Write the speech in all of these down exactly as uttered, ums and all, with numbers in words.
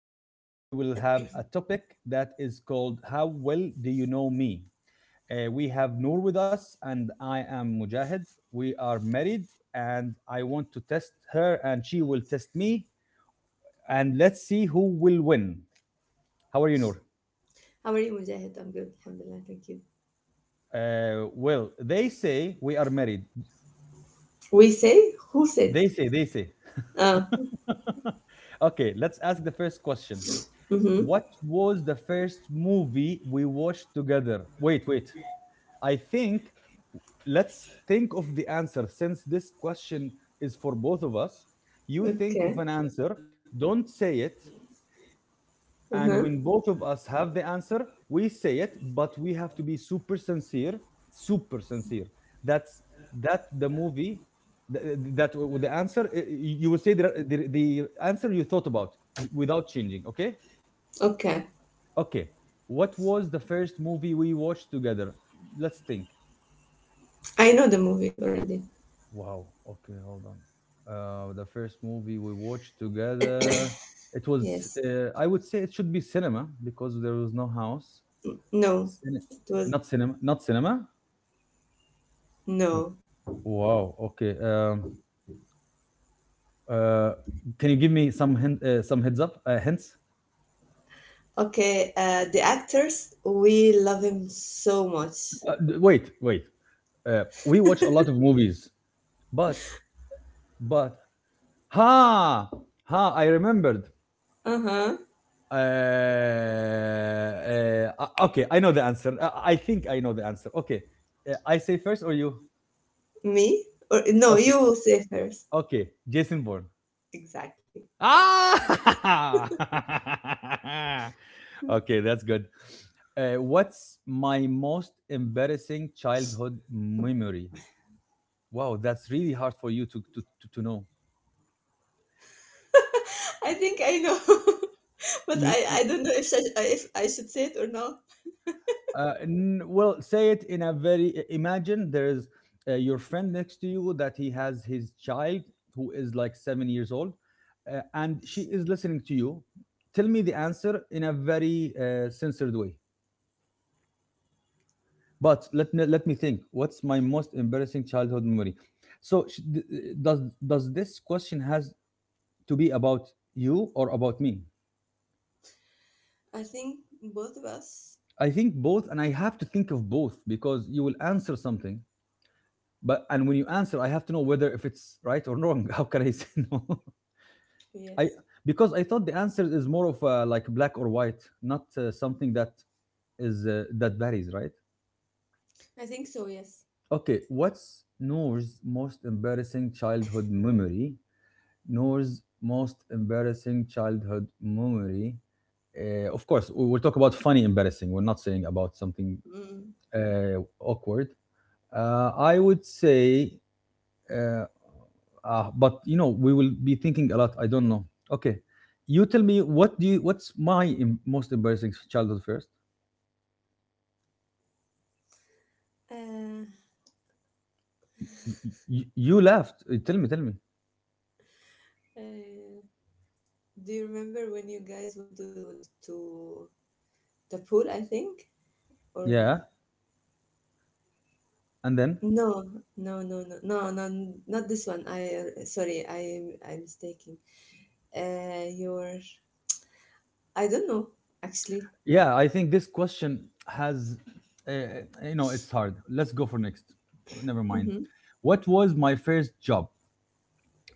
Today we will have a topic that is called How Well Do You Know Me? Uh, we have Noor with us, and I am Mujahid. We are married, and I want to test her, and she will test me. And let's see who will win. How are you, Noor? How are you, Mujahid? I'm good. Alhamdulillah. Thank you. Uh, well, they say we are married. We say? Who said? They say, they say. Ah, Okay, let's ask the first question. mm-hmm. What was the first movie we watched together? Wait, wait. I think let's think of the answer since this question is for both of us. You think of Okay. an answer, don't say it. Uh-huh. And when both of us have the answer, we say it, but we have to be super sincere, super sincere. That's that the movie th- that The answer, uh, you will say the, the, the answer you thought about without changing, okay? Okay. Okay, what was the first movie we watched together? Let's think. I know the movie already. Wow. Okay, hold on. Uh, the first movie we watched together, it was, Yes. uh, I would say, it should be cinema because there was no house. No. Cine- It was Not cinema, not cinema. W- no. Wow. Okay. Um, uh, can you give me some hint, uh, some heads up, uh, hints? Okay. Uh, the actors, we love him so much. Uh, d- wait, wait. Uh, we watch a lot of movies, but, but, ha, ha, I remembered. Uh-huh. Uh, uh, uh, okay, I know the answer. Uh, I think I know the answer. Okay, uh, I say first or you? Me? Or no, Okay, you say first. okay, Jason Bourne. Exactly. Ah! Okay, that's good. Uh, what's my most embarrassing childhood memory? Wow, that's really hard for you to to, to, to know. I think I know. But I, You, I don't you know if, I- if I should say it or not. Uh, n- well, say it in a very i- imagine there is, uh, your friend next to you that he has his child who is like seven years old, uh, and she is listening to you. Tell me the answer in a very uh, censored way. But let me let me think. What's my most embarrassing childhood memory? So sh- d- uh, does does this question has to be about you or about me? I think both of us. I think both, and I have to think of both because you will answer something but, and when you answer, I have to know whether if it's right or wrong. How can I say no? I Yes. Because I thought the answer is more of uh, like black or white, not uh, something that is, uh, that varies, right? I think so, yes. Okay, what's Noor's most embarrassing childhood memory? Noor's most embarrassing childhood memory. Uh, of course, we- we'll talk about funny embarrassing, we're not saying about something Mm. uh, awkward. uh, I would say, uh, uh, but you know, we will be thinking a lot. I don't know. Okay, you tell me, what do you, what's my em- most embarrassing childhood first. Uh, You, you, you laughed. Uh, tell me, tell me. uh, do you remember when you guys went to to the pool? I think or Yeah, and then No, no, no, no, no, no, not this one. I uh, Sorry, I am I'm mistaken. Uh, your I don't know actually. yeah, I think this question has, uh, uh, you know, it's hard, let's go for next, never mind. Mm-hmm. What was my first job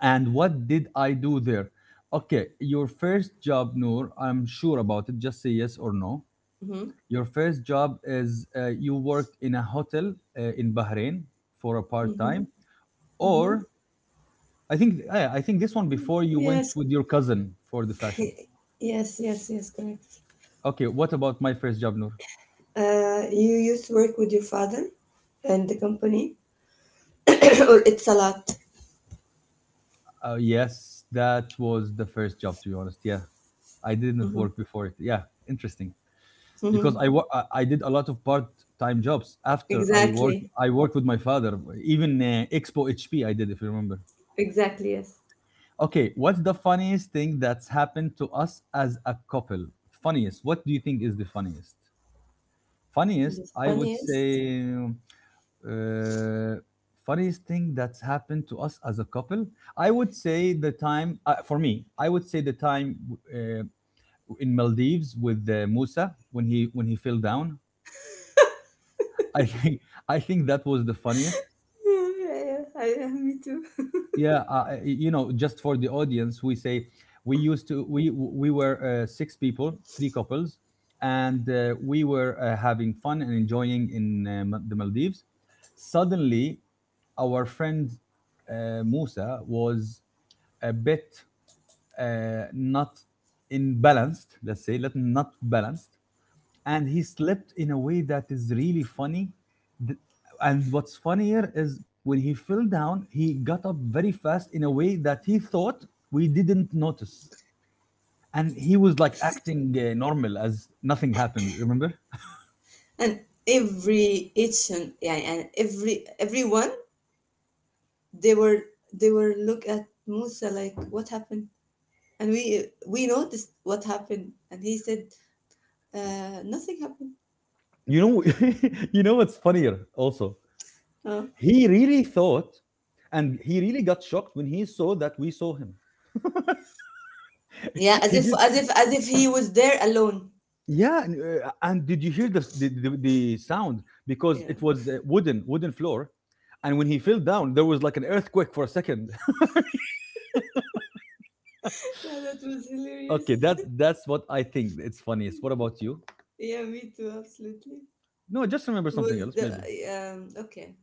and what did I do there? Okay, your first job, Noor, I'm sure about it, just say yes or no. Mm-hmm. Your first job is, uh, you worked in a hotel uh, in Bahrain for a part Mm-hmm. time, Hmm. or I think, yeah, I think this one before you went Yes, with your cousin for the fashion. yes, yes, yes, correct. Okay, what about my first job, Noor? Uh, you used to work with your father and the company, or it's a lot. Uh, yes, that was the first job, to be honest. Yeah, I didn't Mm-hmm. work before it. Yeah, interesting. Because Mm-hmm. I, wo- I I did a lot of part-time jobs after I worked. Exactly. I worked with my father, even uh, Expo H P. I did, if you remember. Exactly. Yes. Okay, what's the funniest thing that's happened to us as a couple? Funniest. What do you think is the funniest? Funniest, The I would funniest. say, uh, funniest thing that's happened to us as a couple. I would say the time, uh, for me, I would say the time uh, in Maldives with uh, Musa when he when he fell down. I think I think that was the funniest. Yeah, yeah, I, yeah, me too. Yeah, uh, you know, just for the audience, we say we used to we we were uh, six people, three couples, and uh, we were uh, having fun and enjoying in uh, Ma- the Maldives. Suddenly, our friend uh, Musa was a bit uh, not in balanced, let's say, let not balanced, and he slept in a way that is really funny. Th- And what's funnier is when he fell down, he got up very fast in a way that he thought we didn't notice. And he was like acting uh, normal as nothing happened, remember? And every each and Yeah, and every everyone they were they were look at Musa like what happened, and we we noticed what happened, and he said uh, nothing happened. You know, you know what's funnier also? Oh. He really thought, and he really got shocked when he saw that we saw him. Yeah, as He if did. as if as if he was there alone. Yeah, and, uh, and did you hear the, the, the, the sound? Because Yeah, it was uh, wooden, wooden floor. And when he fell down, there was like an earthquake for a second. yeah, that was hilarious. Okay, that, that's what I think. It's funniest. What about you? Yeah, me too, absolutely. No, just remember something Was else, the maybe. Um okay?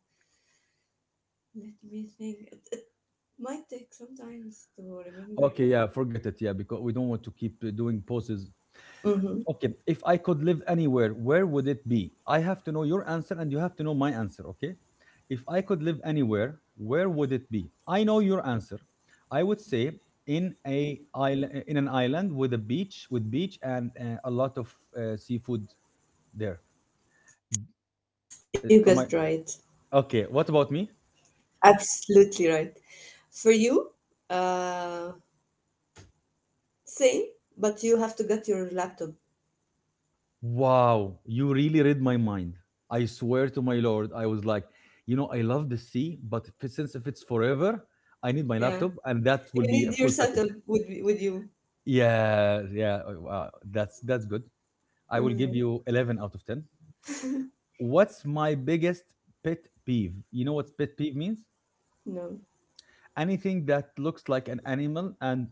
Let me think. It, it might take sometimes to remember. Okay, yeah, forget it. Yeah, because we don't want to keep uh, doing poses. Mm-hmm. Okay, if I could live anywhere, where would it be? I have to know your answer and you have to know my answer, okay? If I could live anywhere, where would it be? I know your answer. I would say in a island in an island with a beach with beach and uh, a lot of uh, seafood there. Uh, You Am I got right. Okay, what about me? Absolutely right. For you, uh, same, but you have to get your laptop. Wow, you really read my mind. I swear to my lord, I was like, you know, I love the sea, but if, it- since if it's forever, I need my Yeah. laptop and that You will be a need your full package. setup with, with you. Yeah, yeah. uh, Wow, that's that's good. I will give Mhm. you eleven out of ten. What's my biggest pet peeve? You know what pet peeve means? No. Anything that looks like an animal and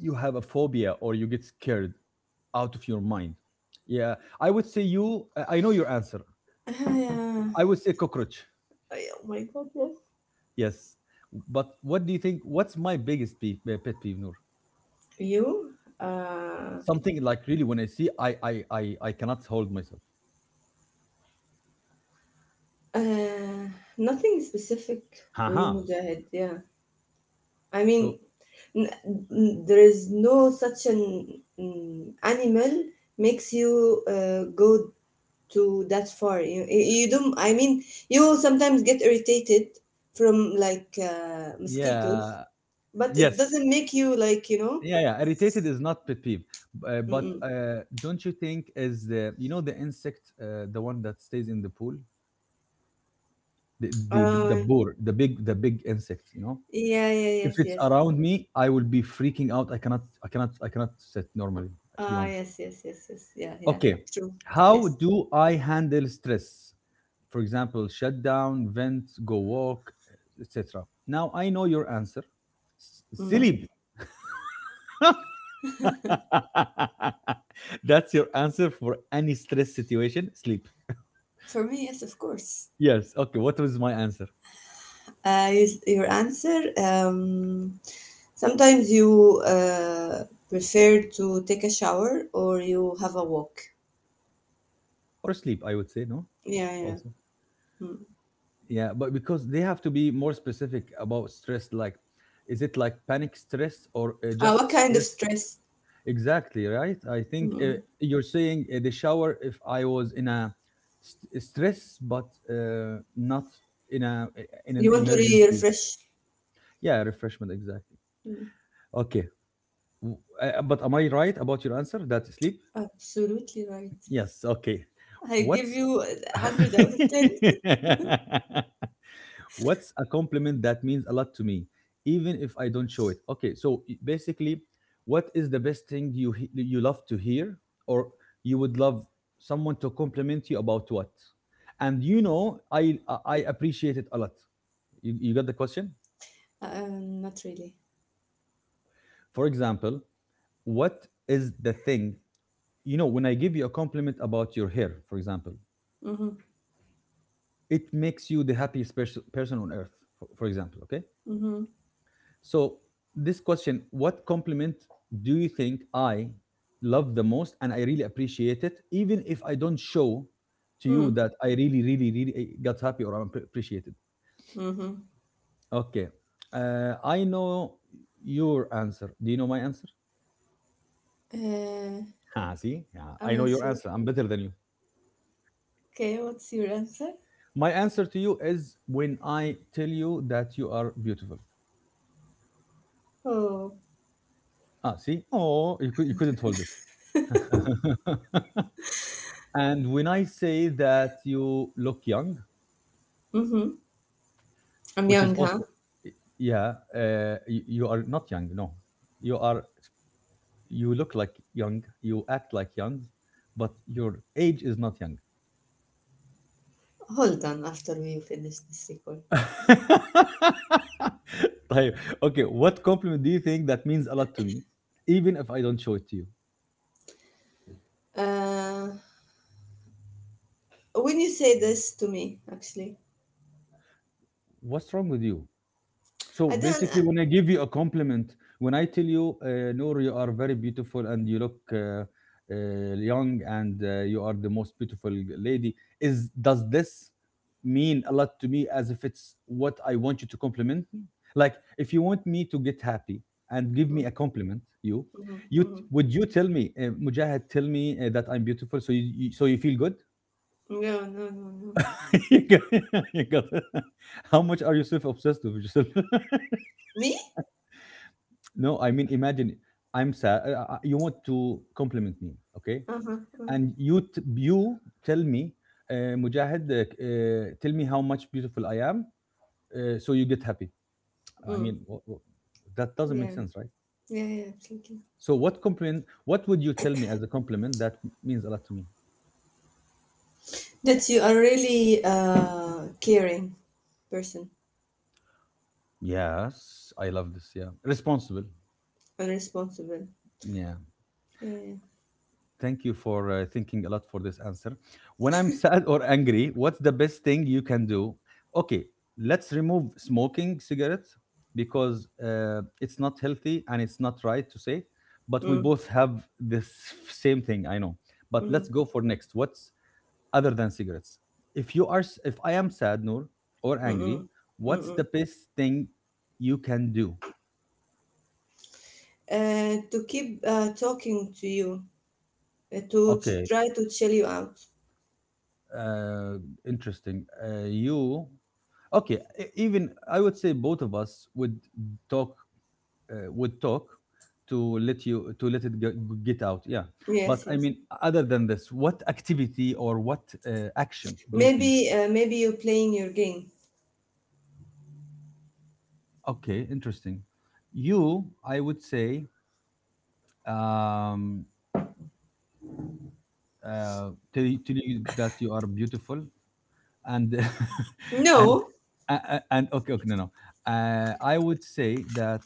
you have a phobia or you get scared out of your mind. Yeah, I would say you, I I know your answer. I would say cockroach. Uh, oh my god, yes. Yes. But what do you think, what's my biggest peeve, uh, pet peeve, Noor? You? Uh, Something like, really, when I see, I I I I cannot hold myself. uh, Nothing specific for you, Haha. Mujahid. Yeah. I mean, So n- n- there is no such an mm, animal makes you uh, go to that far. You, you don't i mean you sometimes get irritated from like uh, mosquitoes, yeah, but it yes. doesn't make you like, you know. Yeah, yeah. Irritated is not pet peeve, b- uh, but Mm-mm. uh, don't you think is the, you know, the insect, uh, the one that stays in the pool, the the the, uh, the boar, the big the big insect. You know, yeah, yeah, if yes, it's yes. around me, I will be freaking out. I cannot, I cannot, I cannot sit normally. To be Ah, honest. yes, yes, yes, yes, yeah, yeah. Okay, True. Yes. how do I handle stress? For example, shut down, vent, go walk, et cetera. Now I know your answer. S- mm. Sleep. That's your answer for any stress situation? Sleep. For me, yes, of course. Yes. Okay, what was my answer? Uh, you, your answer, um, sometimes you uh, prefer to take a shower or you have a walk. Or sleep, I would say, no? Yeah, yeah. Also. Mm. Yeah, but because they have to be more specific about stress, like, is it like panic stress or uh, Uh, just what kind of stress? stress? Exactly, right? I think uh, Mm. you're saying uh, the shower if I was in a st- uh, stress, but uh, not in a, uh, in an You want to re- emergency. refresh? Yeah, refreshment, exactly. Mm. Okay, W- uh, but am I right about your answer that sleep? Absolutely right. Yes. Okay. I give What's you a hundred out of ten. what's a compliment that means a lot to me, even if I don't show it? Okay. So, i- basically, what is the best thing you he- you love to hear, or you would love someone to compliment you about what? And you know, I I I appreciate it a lot. You, you got the question? Um, not really. For example, what is the thing? You know, when I give you a compliment about your hair, for example, Mm-hmm. it makes you the happiest pers- person on earth, for, for example, okay? Mm-hmm. So this question, what compliment do you think I love the most and I really appreciate it, even if I don't show to you Mm-hmm. that I really really really eh, got happy or I'm appre- appreciated. Mm-hmm. Okay, uh, I know your answer, do you know my answer? Uh, Ah, see, yeah, I'm I know not your sure. answer, I'm better than you. Okay, what's your answer? My answer to you is when I tell you that you are beautiful. Oh, Ah, see, oh, you, cou- you couldn't hold it. And when I say that you look young, mm-hmm. I'm which is young, huh? also, yeah, uh, you, you are not young. No, you are. You look like young. You act like young, but your age is not young. Hold on after we finish this record. طيب, okay. What compliment do you think that means a lot to me, even if I don't show it to you? Uh, when you say this to me, actually, What's wrong with you? So I don't. basically, Uh, when I give you a compliment, when I tell you, uh, Noor, you are very beautiful and you look uh, uh, young and uh, you are the most beautiful lady, is does this mean a lot to me as if it's what I want you to compliment me? Like, if you want me to get happy and give me mm, a compliment, you, mm-hmm, you t- mm-hmm. would you tell me, uh, Mujahid, tell me uh, that I'm beautiful, so you, you so you feel good? No, no, no, no. You got- you got- How much are you self obsessed with yourself? Me? No, I mean, imagine I'm sad. uh, uh, You want to compliment me, okay? Uh-huh, uh, huh. And you t- you tell me, uh, Mujahid, uh, uh, tell me how much beautiful I am, uh, so you get happy. I Mm. mean, wh- wh- that doesn't make Yeah, sense, right? yeah, yeah, absolutely. So what compliment? What would you tell me as a compliment that means a lot to me? That you are really uh, caring person Yes, I love this. Yeah, responsible. and responsible. Yeah. Yeah, yeah. Thank you for uh, thinking a lot for this answer. When I'm sad or angry, what's the best thing you can do? Okay, let's remove smoking cigarettes because uh, it's not healthy and it's not right to say, but we Mm, both have this same thing, I know. But let's mm, go for next. What's other than cigarettes? If you are s- if I am sad, Noor, or mm, angry, mm, what's the mm. best thing you can do? Uh, to keep uh, talking to you, uh, to ch- Okay, try to chill you out. uh, interesting. Uh, you okay e- even I would say both of us would talk uh, would talk to let you to let it go, get out, yeah, but Yes, I yes. mean other than this what activity or what uh, action do you think? Maybe, uh, maybe you're playing your game. Okay, interesting. You, I would say, um uh, tell, you- tell you that you are beautiful and and No. a- a- and okay, okay, no, no, uh, I would say that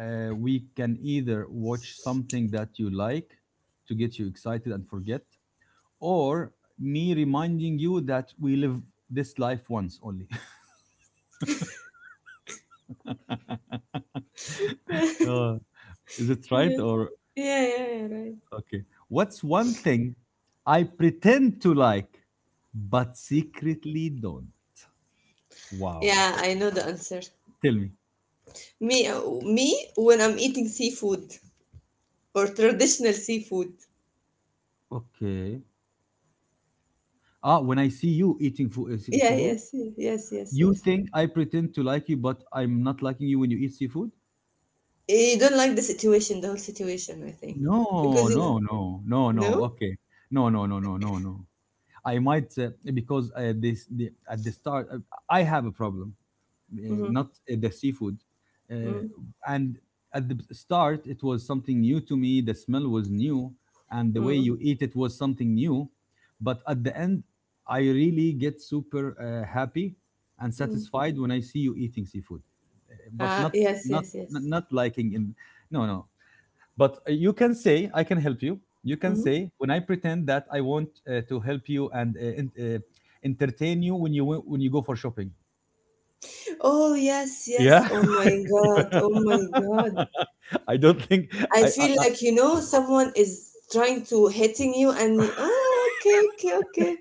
uh, we can either watch something that you like to get you excited and forget, or me reminding you that we live this life once only. Yeah, Uh, is it right? yeah, Or, yeah, yeah, right. okay. What's one thing I pretend to like, but secretly don't? Wow. Yeah, I know the answer. Tell me. Me, uh, me when I'm eating seafood or traditional seafood. Okay. Ah, when I see you eating food, Yeah, seafood, yes, yes, yes, yes, you yes. think I pretend to like you, but I'm not liking you when you eat seafood? Eh, you don't like the situation, the whole situation, I think, No, because it, no, no, no, no. no, Okay, no, no, no, no, no, no. I might uh, because uh, this the, at the start uh, I have a problem, uh, mm-hmm. not uh, the seafood, uh, Mm. and at the start it was something new to me. The smell was new, and the way Mm. you eat it was something new. But at the end, I really get super uh, happy and Mm. satisfied when I see you eating seafood. Uh, but Ah, not, yes, not yes, not yes. not liking in. No, no. But uh, you can say, I can help you. You can Hmm. say, when I pretend that I want uh, to help you and uh, en- uh, entertain you when you when you go for shopping. Oh yes, yes. Yeah. Oh my God. Oh my God. I don't think. I I, I, feel I like you know someone is trying to hitting you, and you- oh, okay, okay, okay.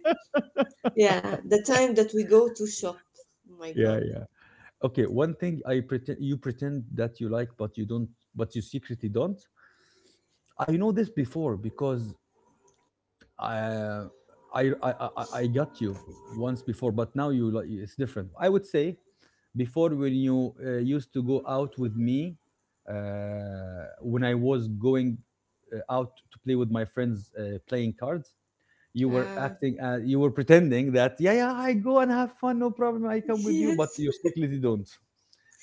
Yeah, the time that we go to shop. Oh my yeah. God. Yeah. Okay. One thing I pretend you pretend that you like, but you don't, but you secretly don't. I know this before because uh, I, I I I got you once before, but now you like it's different. I would say before when you uh, used to go out with me, uh, when I was going uh, out to play with my friends, uh, playing cards, you were Ah, acting as you were pretending that yeah, yeah, I go and have fun, no problem, I come yes. with you, but you secretly don't.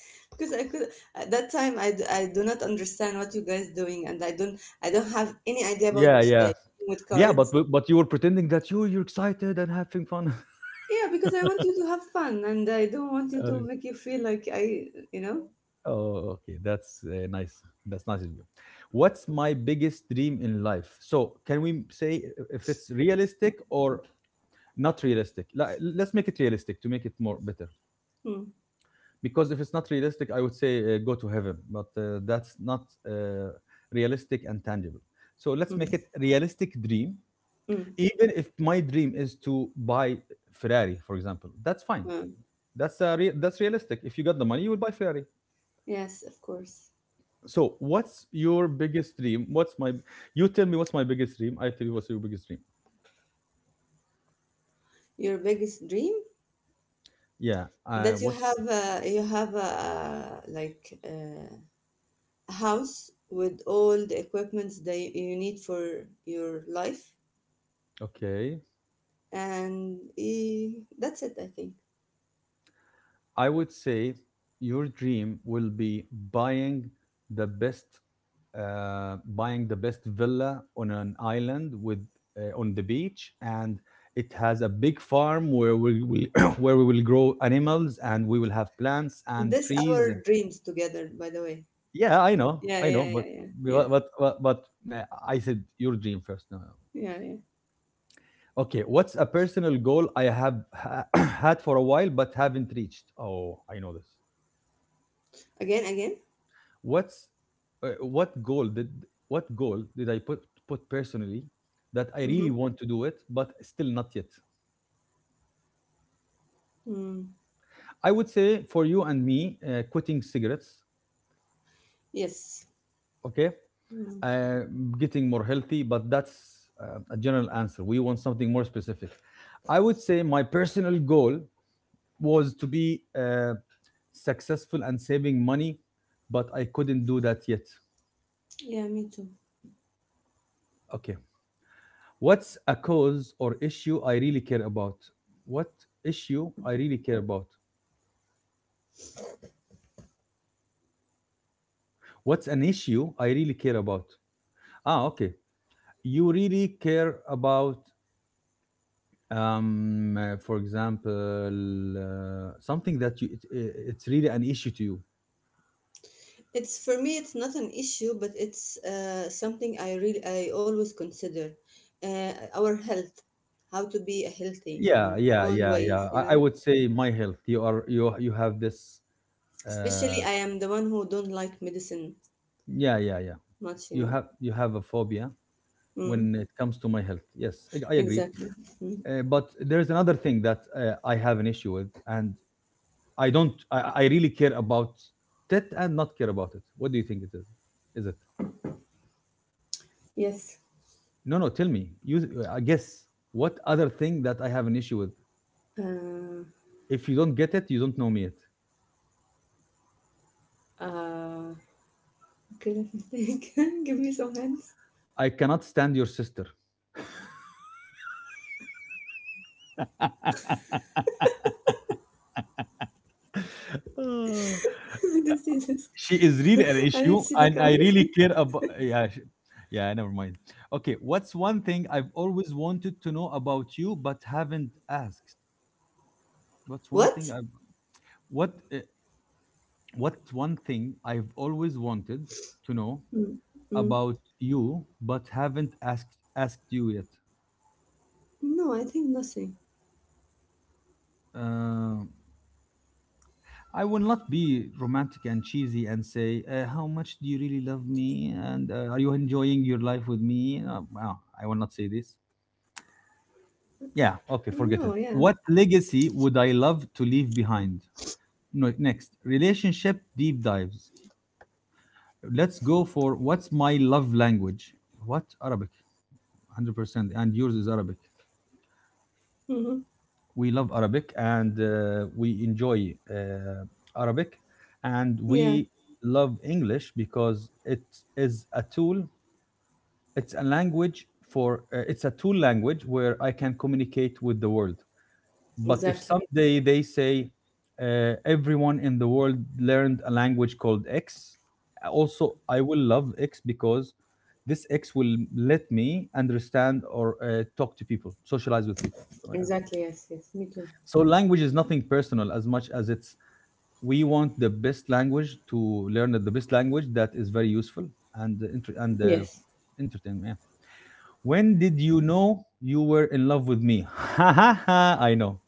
Because I could at that time I, d- I do not understand what you guys doing, and I don't I don't have any idea about Yeah, uh, yeah, with yeah, cards. but but, but you were pretending that you you're excited and having fun. Yeah, because I want you to have fun and I don't want you to Uh, make you feel like I, you know. oh, okay. That's uh, nice. That's nice of you. What's my biggest dream in life? So, can we say if it's realistic or not realistic? Like, let's make it realistic to make it more better. Hmm, Because if it's not realistic, I would say uh, go to heaven, but uh, that's not uh, realistic and tangible. So, let's make hmm, it realistic dream. hmm, Even if my dream is to buy Ferrari, for example, that's fine. hmm. That's uh, rea- that's realistic. If you got the money, you will buy Ferrari. Yes, of course. So, what's your biggest dream? What's my, you tell me what's my biggest dream? I tell you what's your biggest dream. Your biggest dream Yeah. Uh, that you What's have a, you have a, like uh, a house with all the equipments that you need for your life okay? and eh, that's it, I think. I would say your dream will be buying the best, uh, buying the best villa on an island with uh, on the beach, and it has a big farm where we will where we will grow animals, and we will have plants and This trees. our dreams together, by the way. Yeah, I know, Yeah, I know, yeah, yeah, but yeah. but Yes. but but, but uh, I said your dream first. No, no. Yeah, yeah. Okay, what's a personal goal I have ha- had for a while but haven't reached? Oh, I know this. Again, again. What's uh, what goal did, what goal did I put put personally that I Mm-hmm. really want to do it but still not yet? Mm. I would say for you and me, uh, quitting cigarettes. Yes. Okay, Mm. uh, getting more healthy, but that's uh, a general answer. We want something more specific. I would say my personal goal was to be uh, successful and saving money, but I couldn't do that yet. Yeah, me too. Okay. What's a cause or issue I really care about? What issue I really care about? What's an issue I really care about? Ah, okay. You really care about, um, uh, for example, uh, something that you, it, i- it's really an issue to you. It's for me. It's not an issue, but it's uh, something I really, I always consider. Uh, our health, how to be healthy Yeah, in yeah, all yeah, ways, yeah. you I, I know. would say my health. You are, you you have this. Especially, Uh, I am the one who don't like medicine yeah, yeah, yeah. much, you You know. have, you have a phobia Mm. when it comes to my health. Yes, I I agree. Exactly. Mm. Uh, but there is another thing that uh, I have an issue with, and I don't. I, I really care about that and not care about it. What do you think it is? Is it? Yes. No, no. Tell me. You. I guess. What other thing that I have an issue with? Uh, If you don't get it, you don't know me yet. uh, Okay, let me think. Give me some hints. I cannot stand your sister. I didn't see this. Ah, I didn't she see is that really an coming. issue and I really care about, yeah, sh- yeah, never mind. Okay, what's one thing I've always wanted to know about you but haven't asked? What's one thing I, What? what uh, what one thing I've always wanted to know Mm. about Mm. you but haven't asked asked you yet? No, I think nothing. Um, I will not be romantic and cheesy and say, uh, "How much do you really love me?" and uh, "Are you enjoying your life with me?" Uh, wow, I will not say this. No, yeah. Yeah, okay, forget it. What legacy would I love to leave behind? No, next, relationship deep dives. Let's go for what's my love language? What? Arabic, one hundred percent. And yours is Arabic. Hmm. We love Arabic and uh, we enjoy uh, Arabic and we Yeah, love English because it is a tool, it's a language for, uh, it's a tool language where I can communicate with the world. But if someday they exactly. say uh, everyone in the world learned a language called X, also I will love X because this X will let me understand or uh, talk to people, socialize with people. So, yeah. Exactly, yes, yes, So me too. language is nothing personal as much as it's we want the best language to learn the best language that is very useful and uh, inter- and uh, Yes. entertaining. Yeah. When did you know you were in love with me? Ha ha ha! I know.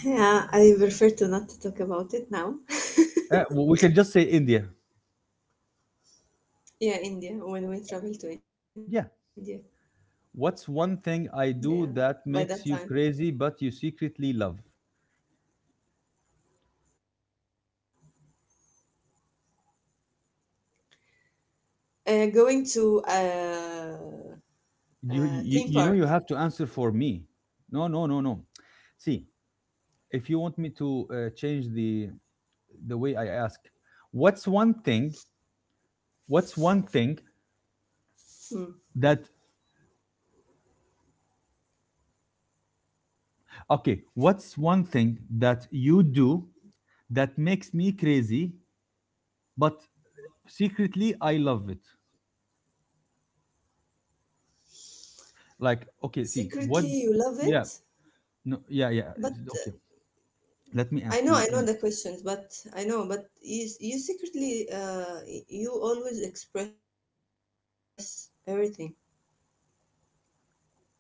Yeah, I prefer to not to talk about it now. Uh, w- we can just say India. Yeah, India, when we travel to Yeah. India. What's one thing I Yeah, do that by that makes you time. crazy, but you secretly love? Uh, going to uh, You, uh, you, you theme know, you park. have to answer for me. No, no, no, no. See, if you want me to uh, change the the way I ask, what's one thing? What's one thing that Hmm. okay? What's one thing that you do that makes me crazy, but secretly I love it? Like, okay, see, what? Secretly, you love Yeah, it, no, yeah, yeah. but Okay, uh, let me I ask know, I you know in. the questions, but I know, but you you secretly uh y- you always express everything.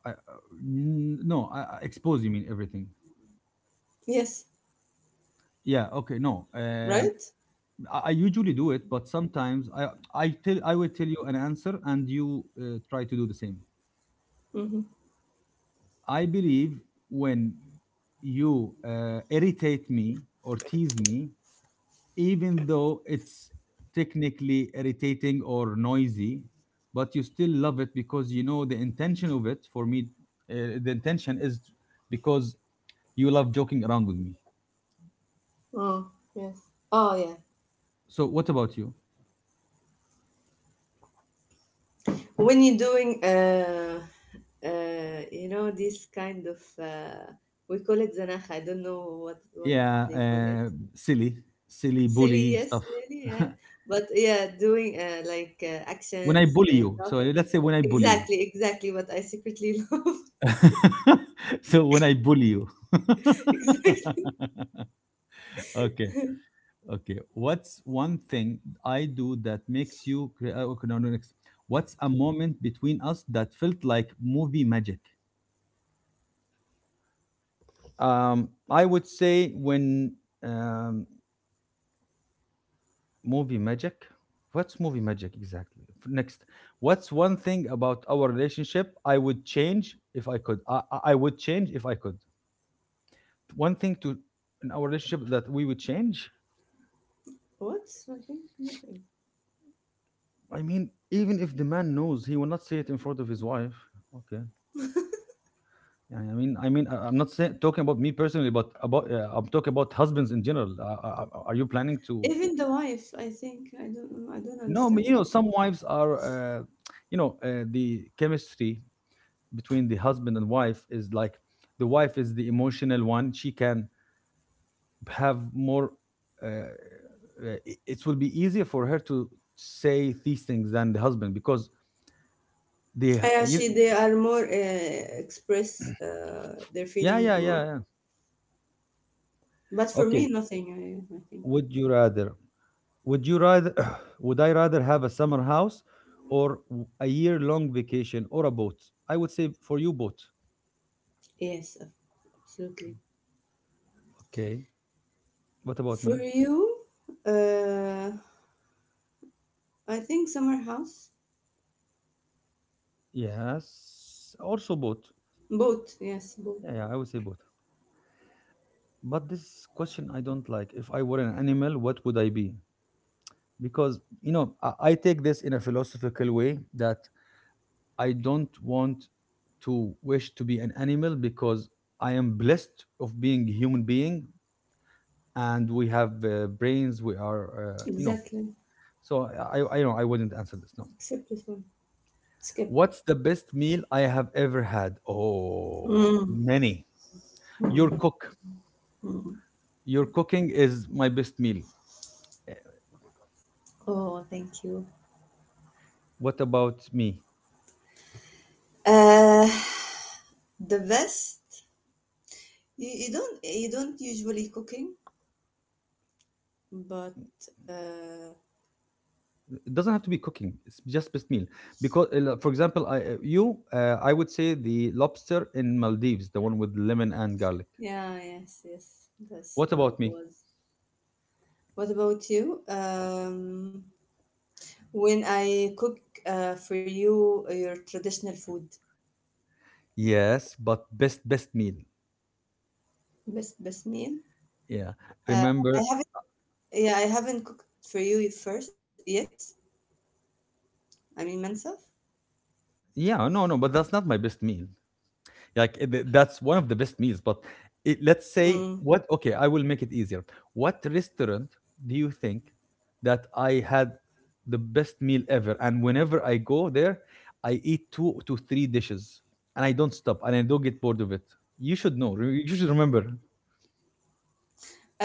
I, uh, n- no, I, I expose you mean everything. Yes, Yeah, okay, no. right? Uh, I, I usually do it, but sometimes I I tell I will tell you an answer and you uh, try to do the same. Mm-hmm. I believe when you uh, irritate me or tease me, even though it's technically irritating or noisy, but you still love it because you know the intention of it. For me, uh, the intention is because you love joking around with me. Oh, yes. Oh, yeah. So, what about you? When you're doing uh uh you know, this kind of, uh, we call it zanakh. I don't know what what Yeah, they call it. uh, silly, silly Silly, bully yes, stuff. silly, yeah. But yeah, doing uh like uh, When I actions, bully uh, you, so talking. let's say when I bully you. Exactly, exactly what I secretly love. So when I bully you. Exactly. Okay, okay. What's one thing I do that makes you? cra- uh, Okay, no, no, next. What's a moment between us that felt like movie magic? Um, I would say when um, movie magic? What's movie magic exactly? F- Next, what's one thing about our relationship I would change if I could? I, I I would change if I could. One thing to in our relationship that we would change. What? I think nothing. I mean, even if the man knows, he will not say it in front of his wife. Okay. Yeah, I mean, I mean, I- I'm not saying talking about me personally, but about uh, I'm talking about husbands in general. Uh, uh, uh, are you planning to? Even the wife, I think. I don't know. I don't No, I mean, understand the you know, some person. wives are, uh, you know, uh, the chemistry between the husband and wife is like the wife is the emotional one. She can have more. uh, uh, it it will be easier for her to say these things than the husband because the Yeah, yeah, she, you, they are more uh, express uh, their yeah, feelings yeah, more. yeah, yeah. But for me, Okay. nothing. I, I think would you rather would you rather would I rather have a summer house or w- a year long vacation or a boat? I would say for you, boat. yes, ab- absolutely. Okay, what about For me? you, uh, I think summer house. Yes, also boat. Both, yes, both. Yeah, yeah, I would say boat. But this question I don't like. If I were an animal, what would I be? Because, you know, I, I take this in a philosophical way that I don't want to wish to be an animal because I am blessed of being a human being, and we have uh, brains, we are, uh, you know. Exactly. So I, I, I know I wouldn't answer this. No. Except this one. Skip. What's the best meal I have ever had? Oh, Mm, many. Your mm, cook, mm. your cooking is my best meal. Eh, Oh, thank you. what about me? Uh, the best. You, you don't, you don't usually cooking, but. Uh, It doesn't have to be cooking, it's just meal. Because uh, For example, I, uh, you uh, I would say the lobster in Maldives, the one with lemon and garlic. Yeah, yes, yes. That's What the about me? was. What about you? Um, when I cook uh, for you uh, your traditional food, Yes, but best best meal. best best meal. Yeah, Uh, I remember. haven't. Yeah, I haven't cooked for you first yet. I mean, myself. Yeah, no no, but that's not my best meal. Like it- th- that's one of the best meals. But it, let's say Mm. what? Okay, I will make it easier. What restaurant do you think that I had the best meal ever? And whenever I go there, I eat two to three dishes, and I don't stop, and I don't get bored of it. You should know. re- You should remember.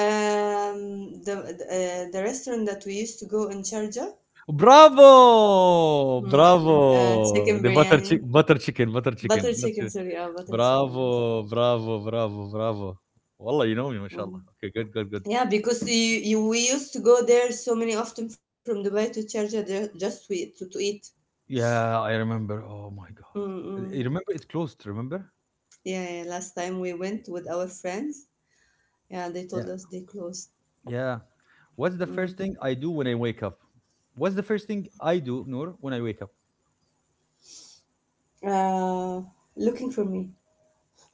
Um, the the, uh, the restaurant that we used to go in Sharjah, Bravo! mm, mm, uh, chicken Bravo! The butter biryani, chick butter chicken, butter butter chicken. Not chicken. sure. Sorry, uh, butter chicken. Yes. Bravo, bravo, bravo, bravo. Wallah, you know me, Mm. mashallah. Okay, good, good, good. Yeah, because you, you we used to go there so many often from Dubai to Sharjah there just to eat, to, to eat. Yeah, I remember. Oh my God. I Mm-mm. I remember it closed, remember? Yeah, yeah, last time we went with our friends, yeah, they Yeah. told us they closed. Yeah. What's the first Mm. thing I do when I wake up? What's the first thing I do, Noor, when I wake up? Uh, looking for me.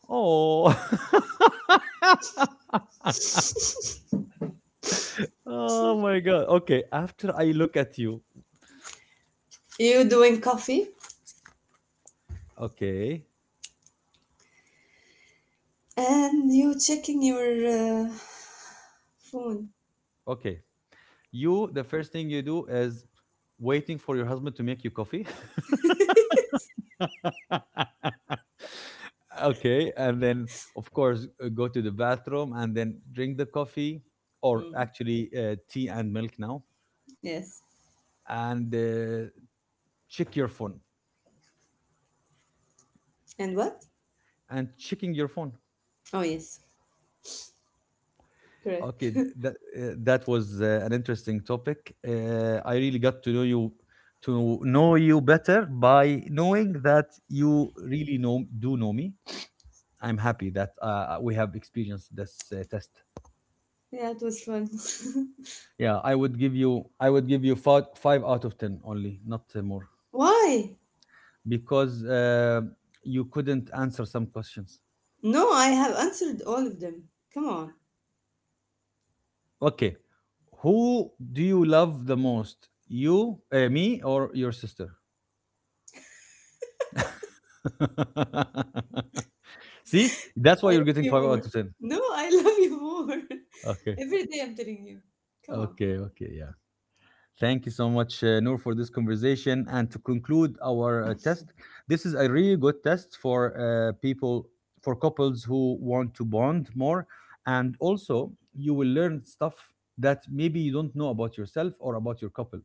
Oh. Oh my God. Okay. After I look at you. You doing coffee Okay. and you checking your uh, phone. Okay. You, the first thing you do is waiting for your husband to make you coffee. Okay, and then of course uh, go to the bathroom and then drink the coffee, or Mm. actually uh, tea and milk now, Yes. and uh, check your phone, And what? and checking your phone. Oh yes, correct. Okay, th- that uh, that was uh, an interesting topic. uh, I really got to know you, to know you better by knowing that you really know do know me. I'm happy that uh, we have experienced this uh, test. Yeah, it was fun. Yeah, I would give you, I would give you five, five out of ten only, not uh, more. Why? Because uh, you couldn't answer some questions. No, I have answered all of them. Come on. Okay, who do you love the most? You, uh, me, or your sister? See, that's why you're getting You five more. out of ten. No, I love you more. Okay, Every day I'm telling you. Come on. okay, okay. Yeah, thank you so much, uh, Noor, for this conversation. And to conclude our uh, test, this is a really good test for uh, people, for couples who want to bond more. And also, you will learn stuff that maybe you don't know about yourself or about your couple.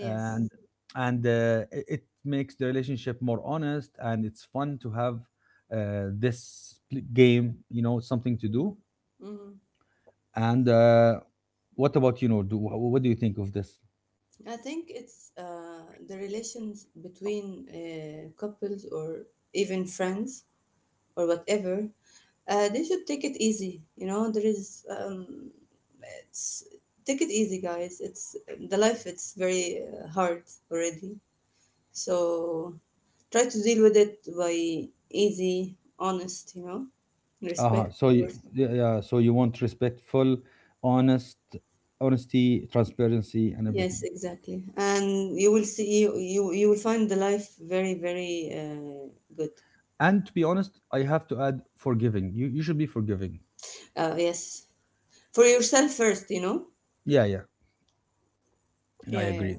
And and uh, it it makes the relationship more honest, and it's fun to have uh, this pl- game. You know, something to do. Hmm. Hmm. And uh, what about you, Noor? Do, wh- what do you think of this? I think it's uh, the relations between uh, couples or even friends or whatever. Uh, they should take it easy. You know, there is. Um, it's take it easy, guys. It's the life. It's very uh, hard already. So try to deal with it by easy, honest. You know, Uh-huh. respect, of So you, course. yeah, yeah, so you want respectful, honest, honesty, transparency, and Yes, everything. exactly. And you will see you you, you will find the life very very uh, good. And to be honest, I have to add forgiving. You you should be forgiving. Uh, yes, for yourself first, you know. Yeah, yeah, I Yeah, yeah. agree.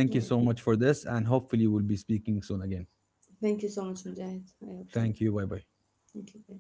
Yeah. I you agree. so much for this, and hopefully we'll be speaking soon again. Thank you so much, Mujahid. I hope so. Thank you. Bye bye. Thank you.